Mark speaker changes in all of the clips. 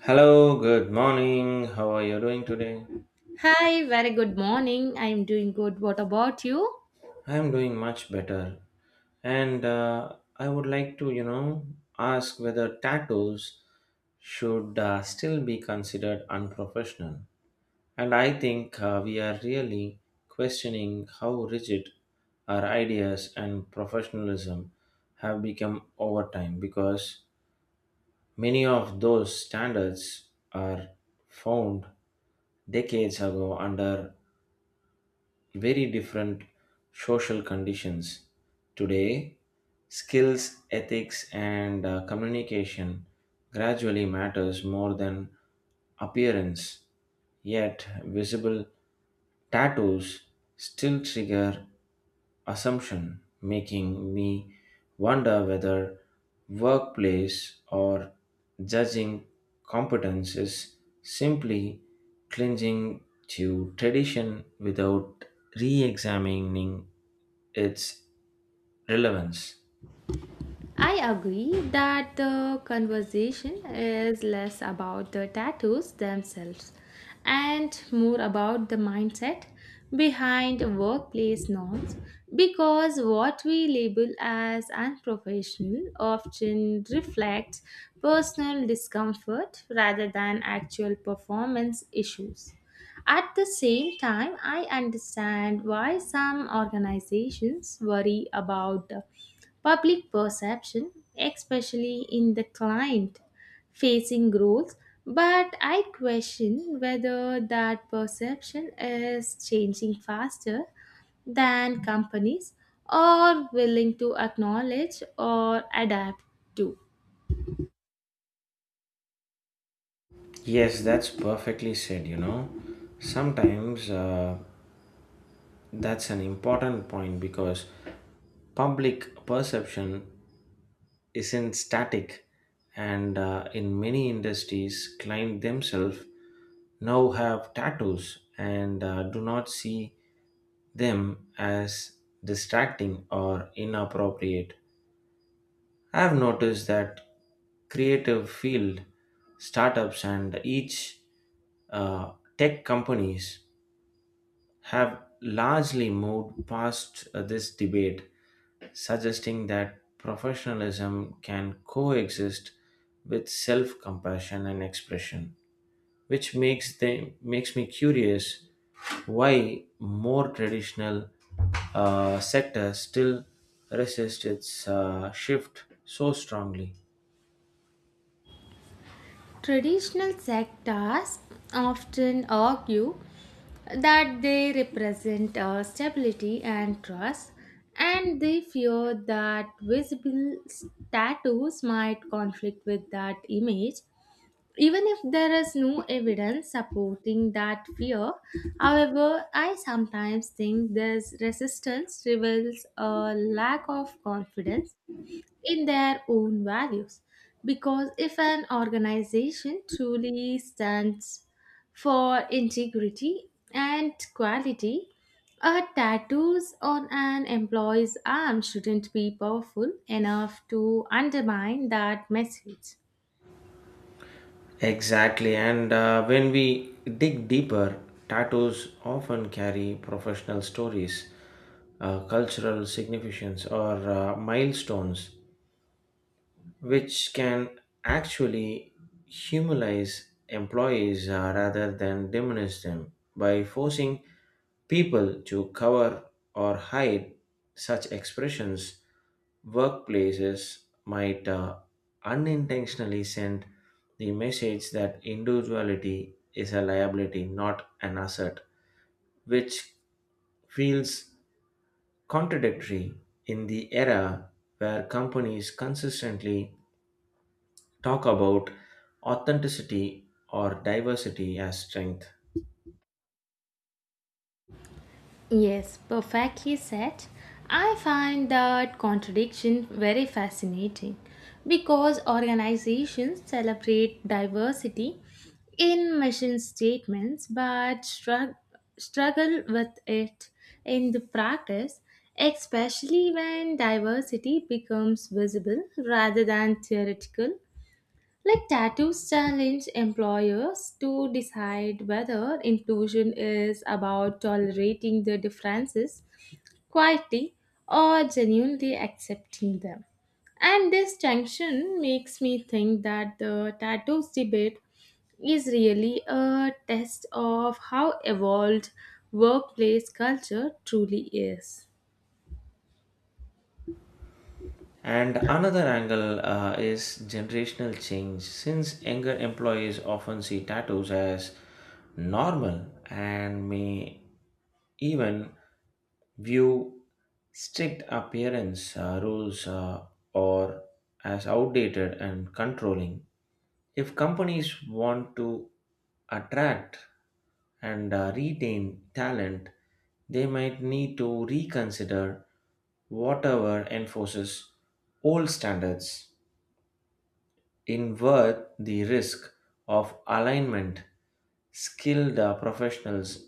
Speaker 1: Hello, good morning. How are you doing today?
Speaker 2: Hi, very good morning. I'm doing good. What about you?
Speaker 1: I am doing much better. And I would like to, ask whether tattoos should still be considered unprofessional. And I think we are really questioning how rigid our ideas and professionalism have become over time, because many of those standards are found decades ago under very different social conditions. Today, skills, ethics, and communication gradually matters more than appearance. Yet, visible tattoos still trigger assumption, making me wonder whether workplace or judging competence is simply clinging to tradition without re examining its relevance.
Speaker 2: I agree that the conversation is less about the tattoos themselves and more about the mindset behind workplace norms because what we label as unprofessional often reflects personal discomfort rather than actual performance issues. At the same time, I understand why some organizations worry about public perception, especially in the client facing roles, but I question whether that perception is changing faster than companies are willing to acknowledge or adapt to.
Speaker 1: Yes, that's perfectly said, you know. Sometimes, that's an important point because public perception isn't static, and in many industries, clients themselves now have tattoos and do not see them as distracting or inappropriate. I have noticed that creative field startups and each tech companies have largely moved past this debate, suggesting that professionalism can coexist with self-compassion and expression, which makes me curious why more traditional sectors still resist its shift so strongly.
Speaker 2: Traditional sectors often argue that they represent stability and trust, and they fear that visible status might conflict with that image. Even if there is no evidence supporting that fear, however, I sometimes think this resistance reveals a lack of confidence in their own values. Because if an organization truly stands for integrity and quality, a tattoos on an employee's arm shouldn't be powerful enough to undermine that message.
Speaker 1: Exactly, and when we dig deeper, tattoos often carry professional stories, cultural significance, or milestones, which can actually humanize employees rather than diminish them. By forcing people to cover or hide such expressions, workplaces might unintentionally send the message that individuality is a liability, not an asset, which feels contradictory in the era where companies consistently talk about authenticity or diversity as strength.
Speaker 2: Yes, perfectly said. I find that contradiction very fascinating because organizations celebrate diversity in mission statements but struggle with it in the practice, especially when diversity becomes visible rather than theoretical like tattoos challenge employers to decide whether inclusion is about tolerating the differences quietly or genuinely accepting them. And this tension makes me think that the tattoos debate is really a test of how evolved workplace culture truly is.
Speaker 1: And another angle is generational change, since younger employees often see tattoos as normal and may even view strict appearance rules, or as outdated and controlling. If companies want to attract and retain talent, they might need to reconsider whatever enforces old standards. Invert the risk of alignment, skilled professionals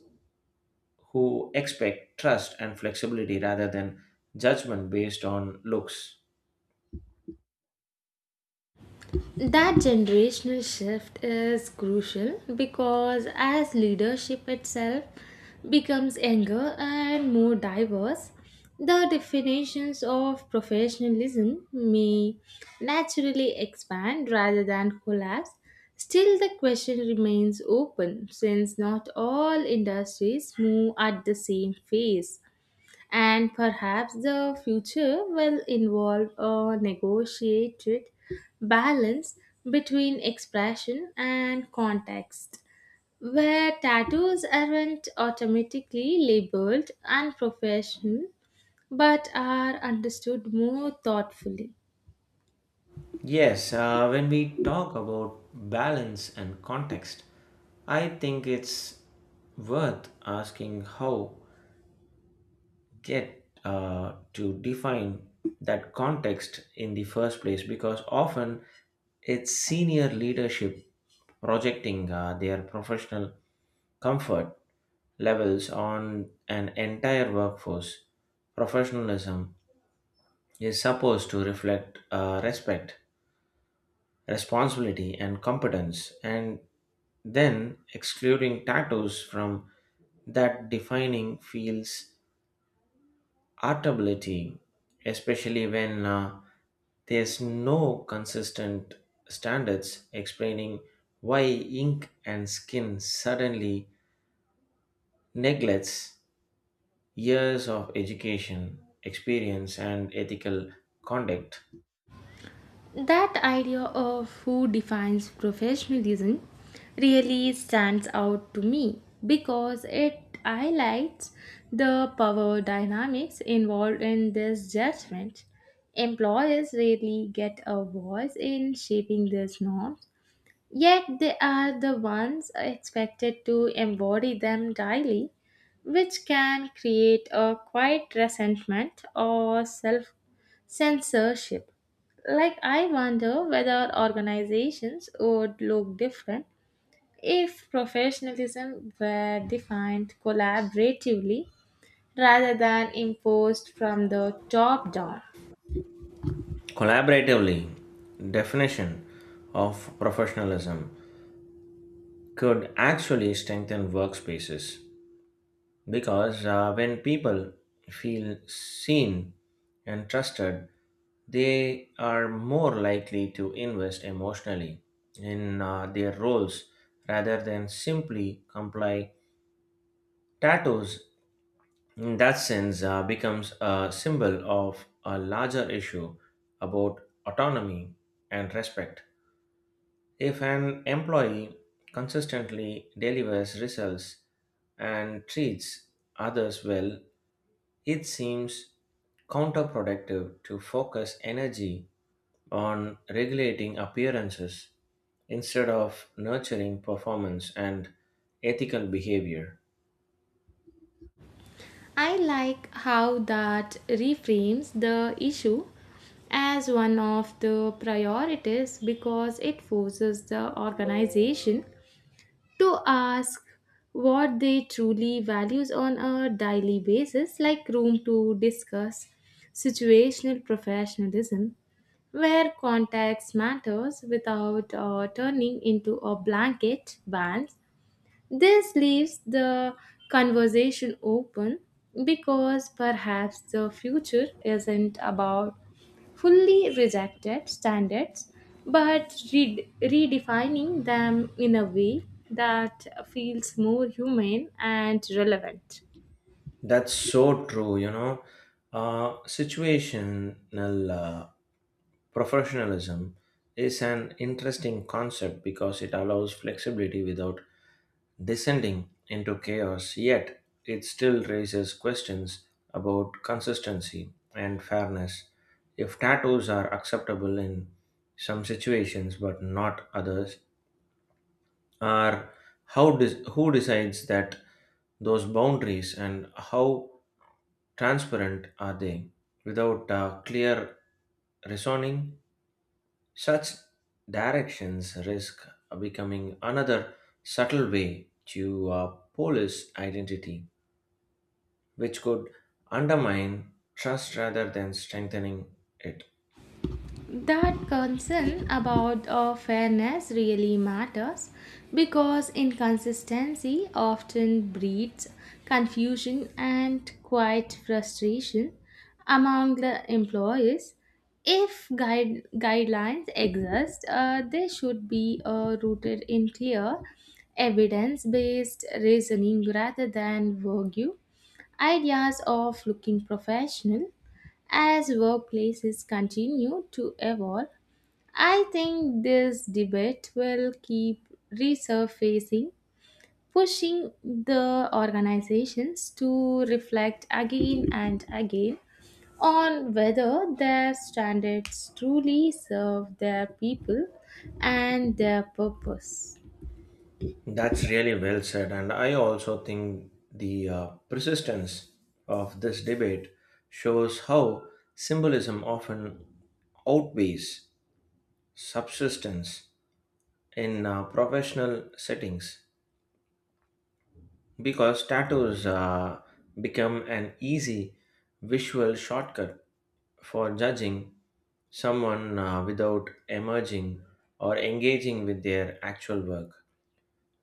Speaker 1: who expect trust and flexibility rather than judgment based on looks.
Speaker 2: That generational shift is crucial because as leadership itself becomes younger and more diverse, the definitions of professionalism may naturally expand rather than collapse. Still, the question remains open since not all industries move at the same pace and perhaps the future will involve a negotiated balance between expression and context, where tattoos aren't automatically labeled unprofessional but are understood more thoughtfully.
Speaker 1: Yes, when we talk about balance and context, I think it's worth asking how get to define that context in the first place, because often it's senior leadership projecting their professional comfort levels on an entire workforce. Professionalism is supposed to reflect respect, responsibility, and competence, and then excluding tattoos from that defining feels artability, especially when there's no consistent standards explaining why ink and skin suddenly neglects years of education, experience, and ethical conduct.
Speaker 2: That idea of who defines professionalism really stands out to me because it highlights the power dynamics involved in this judgment. Employers really get a voice in shaping these norms, yet they are the ones expected to embody them daily, which can create a quiet resentment or self censorship. Like, I wonder whether organizations would look different if professionalism were defined collaboratively rather than imposed from the top down.
Speaker 1: Collaboratively definition of professionalism could actually strengthen workspaces because when people feel seen and trusted, they are more likely to invest emotionally in their roles rather than simply comply. Tattoos, in that sense, becomes a symbol of a larger issue about autonomy and respect. If an employee consistently delivers results and treats others well, it seems counterproductive to focus energy on regulating appearances instead of nurturing performance and ethical behavior.
Speaker 2: I like how that reframes the issue as one of the priorities because it forces the organization to ask what they truly values on a daily basis, like room to discuss situational professionalism where context matters without turning into a blanket ban. This leaves the conversation open because perhaps the future isn't about fully rejected standards but redefining them in a way that feels more humane and relevant.
Speaker 1: That's so true, you know. Situational uh, professionalism is an interesting concept because it allows flexibility without descending into chaos, yet it still raises questions about consistency and fairness. If tattoos are acceptable in some situations but not others, are who decides that those boundaries and how transparent are they? Without clear reasoning, such directions risk becoming another subtle way to police identity, which could undermine trust rather than strengthening it.
Speaker 2: That concern about fairness really matters because inconsistency often breeds confusion and quite frustration among the employees. If guidelines exist, they should be rooted in clear evidence based reasoning rather than vague ideas of looking professional. As workplaces continue to evolve, I think this debate will keep resurfacing, pushing the organizations to reflect again and again on whether their standards truly serve their people and their purpose.
Speaker 1: That's really well said, and I also think the persistence of this debate shows how symbolism often outweighs subsistence in professional settings, because tattoos become an easy visual shortcut for judging someone without emerging or engaging with their actual work.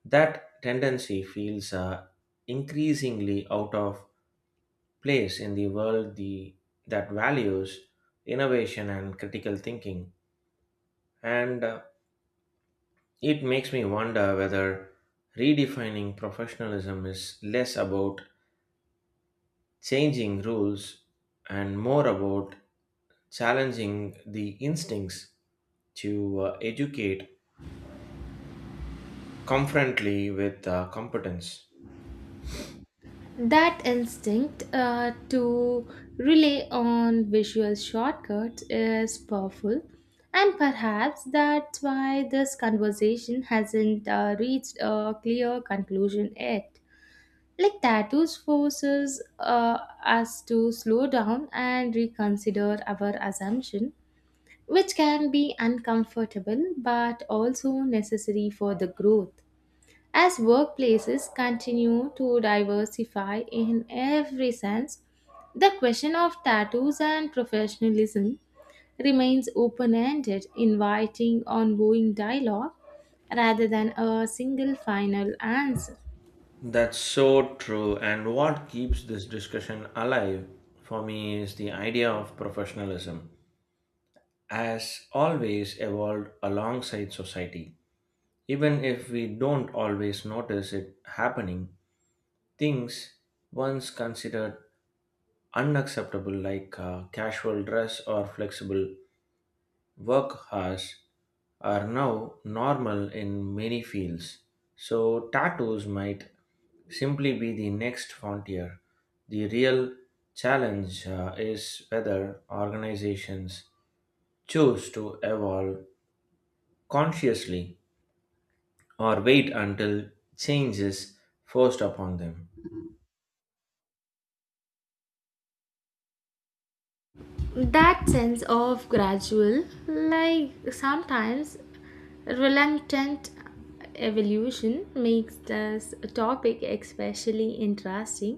Speaker 1: That tendency feels increasingly out of place in the world that values innovation and critical thinking. And it makes me wonder whether redefining professionalism is less about changing rules and more about challenging the instincts to educate confrontly with competence.
Speaker 2: That instinct to rely on visual shortcuts is powerful, and perhaps that's why this conversation hasn't reached a clear conclusion yet. Like tattoos forces us to slow down and reconsider our assumption, which can be uncomfortable but also necessary for the growth. As workplaces continue to diversify in every sense, the question of tattoos and professionalism remains open ended, inviting ongoing dialogue rather than a single final answer.
Speaker 1: That's so true. And what keeps this discussion alive for me is the idea of professionalism as always evolved alongside society. Even if we don't always notice it happening, things once considered unacceptable, like casual dress or flexible work hours, are now normal in many fields, so tattoos might simply be the next frontier. The real challenge is whether organizations choose to evolve consciously or wait until change is forced upon them.
Speaker 2: That sense of gradual, like sometimes reluctant evolution makes this topic especially interesting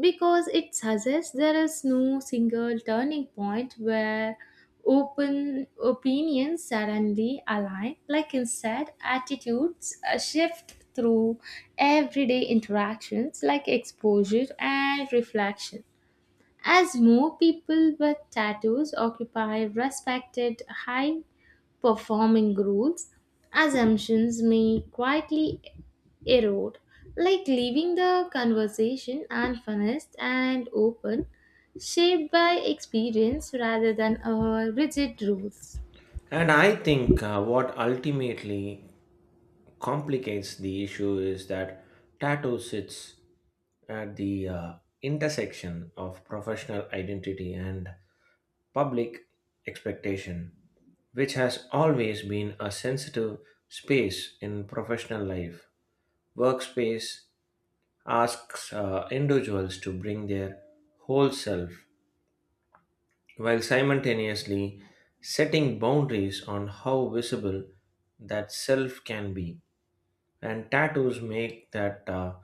Speaker 2: because it suggests there is no single turning point where open opinions suddenly align, like instead attitudes shift through everyday interactions like exposure and reflection. As more people with tattoos occupy respected high performing roles, assumptions may quietly erode, like leaving the conversation unfinished and open, shaped by experience rather than rigid rules.
Speaker 1: And I think what ultimately complicates the issue is that tattoo sits at the intersection of professional identity and public expectation, which has always been a sensitive space in professional life. Workspace asks individuals to bring their whole self while simultaneously setting boundaries on how visible that self can be. And tattoos make that.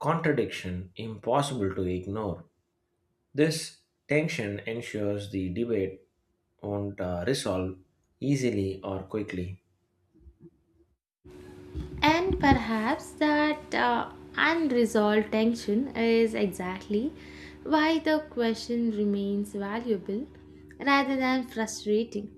Speaker 1: Contradiction impossible to ignore. This tension ensures the debate won't resolve easily or quickly.
Speaker 2: And perhaps that unresolved tension is exactly why the question remains valuable rather than frustrating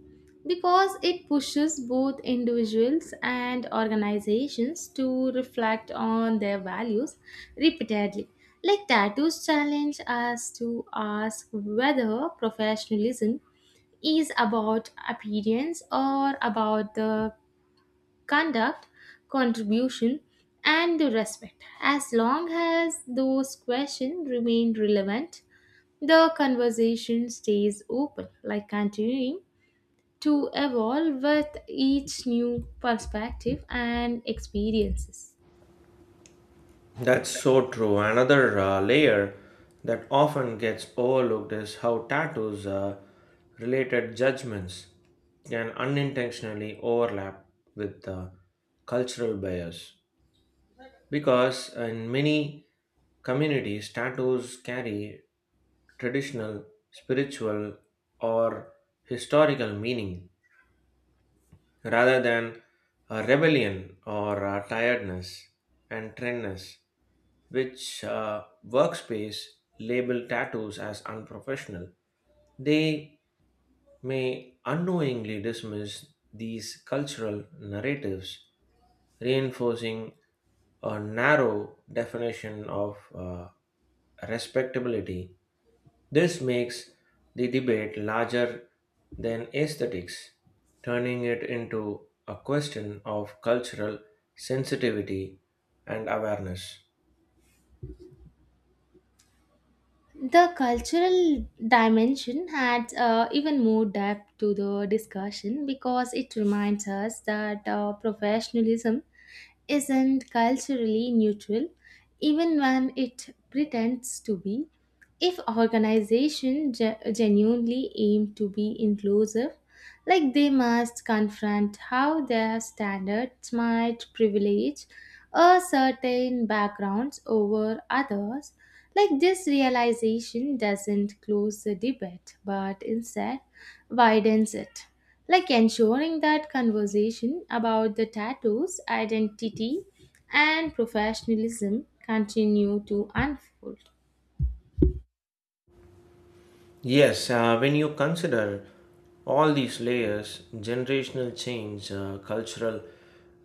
Speaker 2: because it pushes both individuals and organizations to reflect on their values repeatedly. Like tattoos challenge us to ask whether professionalism is about appearance or about the conduct, contribution, and the respect. As long as those questions remain relevant, the conversation stays open, like continuing to evolve with each new perspective and experiences.
Speaker 1: That's so true. Another layer that often gets overlooked is how tattoos related judgments can unintentionally overlap with cultural bias, because in many communities tattoos carry traditional, spiritual, or historical meaning rather than a rebellion or a tiredness and trendness, which workspace label tattoos as unprofessional. They may unknowingly dismiss these cultural narratives, reinforcing a narrow definition of respectability. This makes the debate larger than aesthetics, turning it into a question of cultural sensitivity and awareness.
Speaker 2: The cultural dimension adds even more depth to the discussion because it reminds us that professionalism isn't culturally neutral, even when it pretends to be. If organizations genuinely aim to be inclusive, like they must confront how their standards might privilege a certain backgrounds over others. Like this realization doesn't close the debate but instead widens it. Like ensuring that conversation about the tattoos, identity, and professionalism continue to unfold.
Speaker 1: Yes, when you consider all these layers, generational change, cultural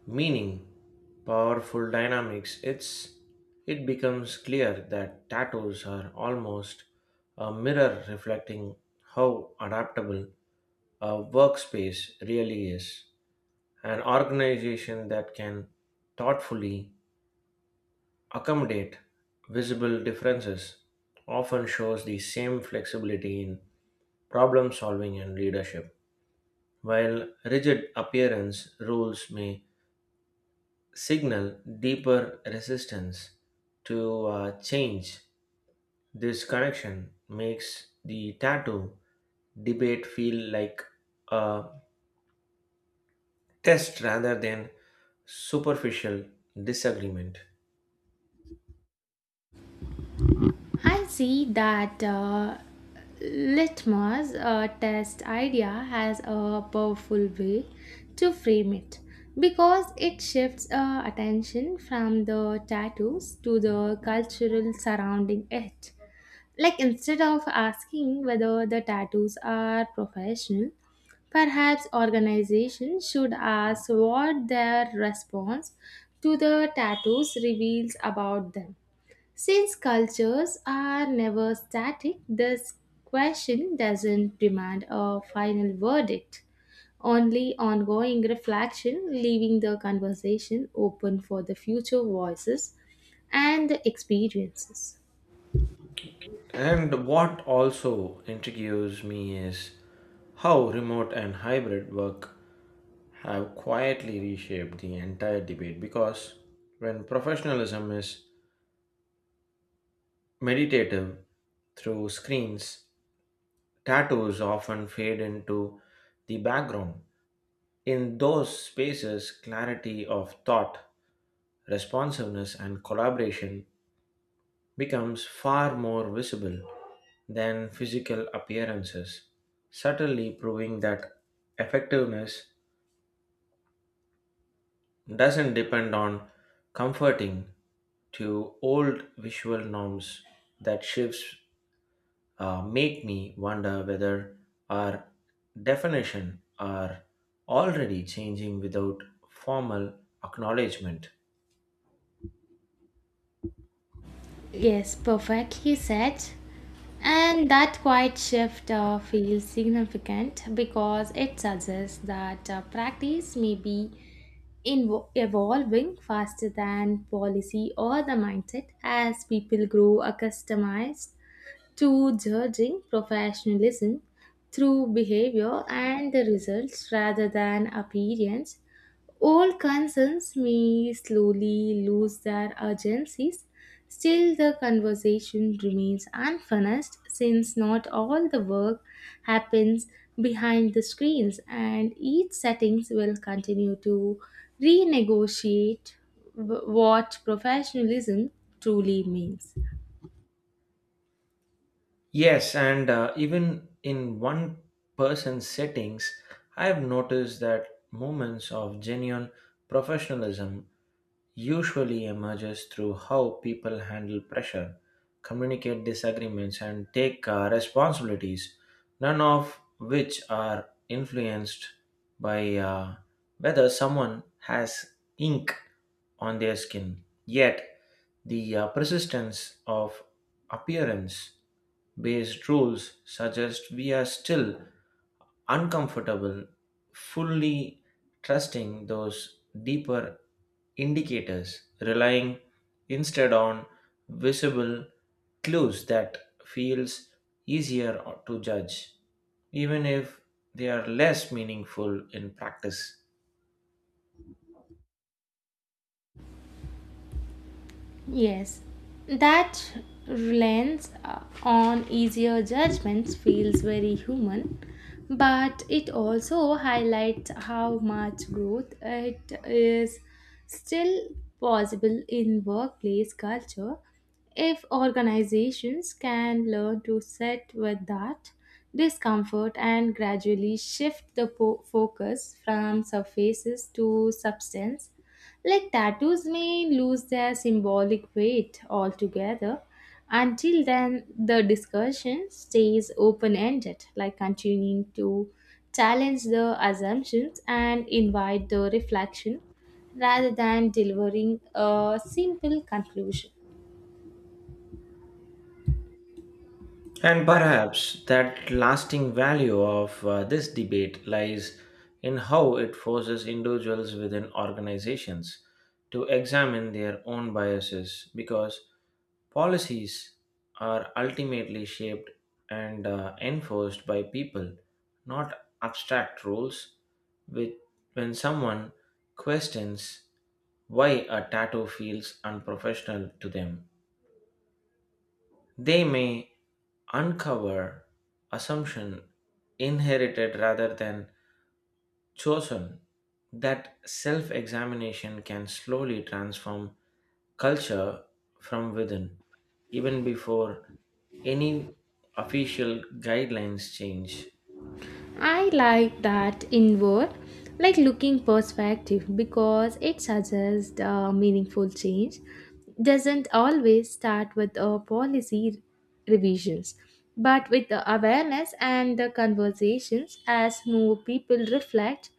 Speaker 1: meaning, powerful dynamics, it becomes clear that tattoos are almost a mirror reflecting how adaptable a workspace really is. An organization that can thoughtfully accommodate visible differences often shows the same flexibility in problem solving and leadership, while rigid appearance rules may signal deeper resistance to change. This connection makes the tattoo debate feel like a test rather than superficial disagreement.
Speaker 2: I see that litmus test idea has a powerful way to frame it because it shifts attention from the tattoos to the cultural surrounding it. Like instead of asking whether the tattoos are professional, perhaps organizations should ask what their response to the tattoos reveals about them. Since cultures are never static, this question doesn't demand a final verdict, only ongoing reflection, leaving the conversation open for the future voices and the experiences.
Speaker 1: And what also intrigues me is how remote and hybrid work have quietly reshaped the entire debate, because when professionalism is meditative through screens, tattoos often fade into the background. In those spaces, clarity of thought, responsiveness, and collaboration becomes far more visible than physical appearances, subtly proving that effectiveness doesn't depend on comforting to old visual norms. That shifts make me wonder whether our definition are already changing without formal acknowledgement.
Speaker 2: Yes, perfectly said. And that quiet shift feels significant because it suggests that practice may be evolving faster than policy or the mindset as people grow accustomed to judging professionalism through behavior and the results rather than appearance. Old concerns may slowly lose their urgencies. Still, the conversation remains unfinished since not all the work happens behind the screens, and each settings will continue to renegotiate what professionalism truly means.
Speaker 1: Yes, and even in one person's settings, I have noticed that moments of genuine professionalism usually emerges through how people handle pressure, communicate disagreements, and take responsibilities, none of which are influenced by whether someone has ink on their skin. Yet, the persistence of appearance based rules suggest we are still uncomfortable fully trusting those deeper indicators, relying instead on visible clues that feels easier to judge, even if they are less meaningful in practice.
Speaker 2: Yes, that reliance on easier judgments feels very human, but it also highlights how much growth it is still possible in workplace culture if organizations can learn to sit with that discomfort and gradually shift the focus from surfaces to substance, like tattoos may lose their symbolic weight altogether. Until then, the discussion stays open ended, like continuing to challenge the assumptions and invite the reflection rather than delivering a simple conclusion.
Speaker 1: And perhaps that lasting value of this debate lies in how it forces individuals within organizations to examine their own biases, because policies are ultimately shaped and enforced by people, not abstract rules. With, when someone questions why a tattoo feels unprofessional to them, they may uncover assumption inherited rather than chosen. That self examination can slowly transform culture from within, even before any official guidelines change.
Speaker 2: I like that inward, like looking perspective because it suggests a meaningful change doesn't always start with a policy revisions, but with the awareness and the conversations as more people reflect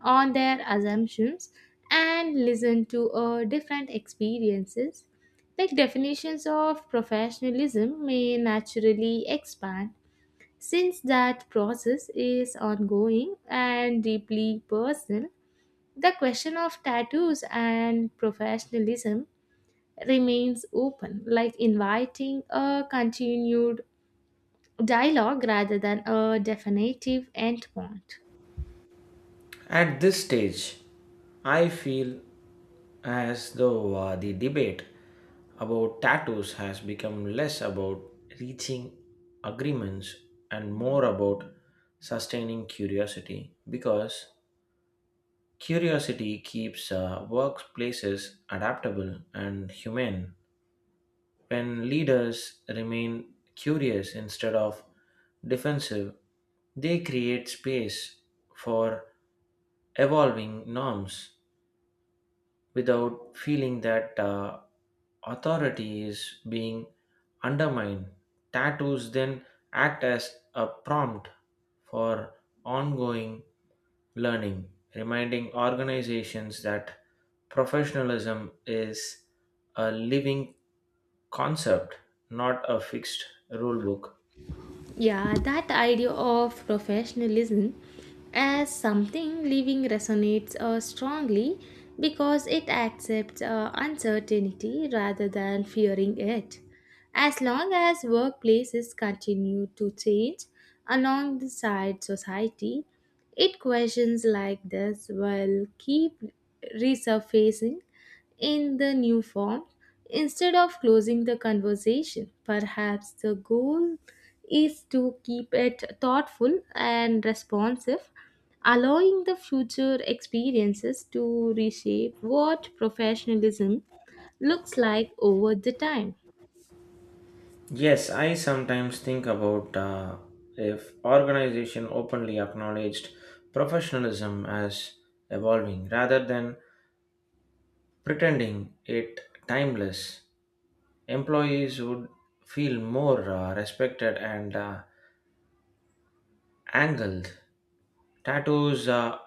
Speaker 2: on their assumptions and listen to different experiences. Like definitions of professionalism may naturally expand. Since that process is ongoing and deeply personal, the question of tattoos and professionalism remains open, like inviting a continued dialogue rather than a definitive endpoint.
Speaker 1: At this stage, I feel as though the debate about tattoos has become less about reaching agreements and more about sustaining curiosity, because curiosity keeps workplaces adaptable and humane. When leaders remain curious instead of defensive, they create space for evolving norms without feeling that authority is being undermined. Tattoos then act as a prompt for ongoing learning, reminding organizations that professionalism is a living concept, not a fixed rulebook.
Speaker 2: Yeah, that idea of professionalism as something living resonates strongly because it accepts uncertainty rather than fearing it. As long as workplaces continue to change alongside society, it questions like this will keep resurfacing in the new form instead of closing the conversation. Perhaps the goal is to keep it thoughtful and responsive, allowing the future experiences to reshape what professionalism looks like over the time.
Speaker 1: Yes, I sometimes think about if organization openly acknowledged professionalism as evolving rather than pretending it timeless. Employees would feel more respected and angled. Tattoos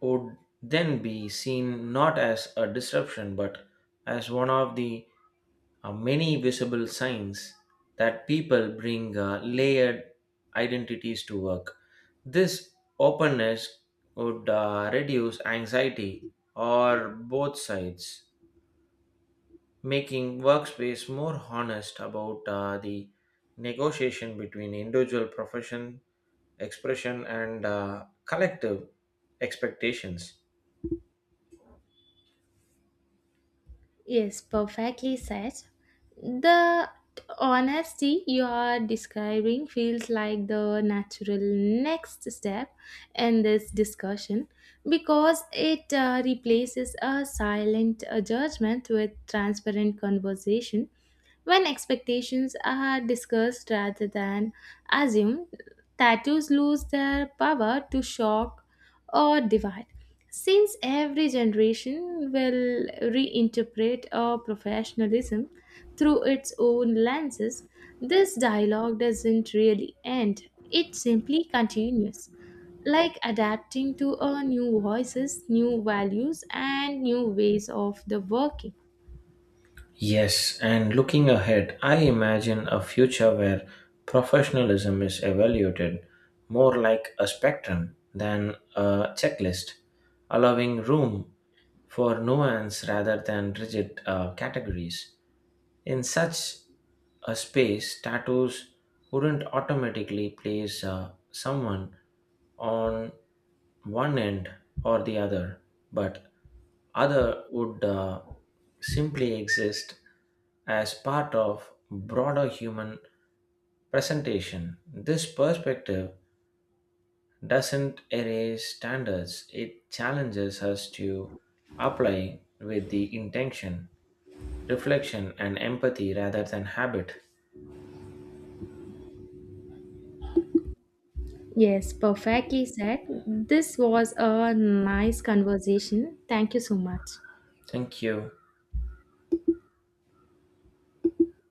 Speaker 1: would then be seen not as a disruption but as one of the many visible signs that people bring layered identities to work. This openness would reduce anxiety or both sides, making workspace more honest about the negotiation between individual profession expression and collective expectations.
Speaker 2: Yes, perfectly said. The honesty you are describing feels like the natural next step in this discussion because it replaces a silent judgment with transparent conversation. When expectations are discussed rather than assumed, tattoos lose their power to shock or divide. Since every generation will reinterpret our professionalism through its own lenses, this dialogue doesn't really end, it simply continues like adapting to our new voices, new values, and new ways of the working.
Speaker 1: Yes, and looking ahead, I imagine a future where professionalism is evaluated more like a spectrum than a checklist, allowing room for nuance rather than rigid categories. In such a space, tattoos wouldn't automatically place someone on one end or the other, but other would simply exist as part of broader human presentation. This perspective doesn't erase standards, it challenges us to apply with the intention, reflection, and empathy rather than habit.
Speaker 2: Yes, perfectly said. This was a nice conversation. Thank you so much.
Speaker 1: Thank you.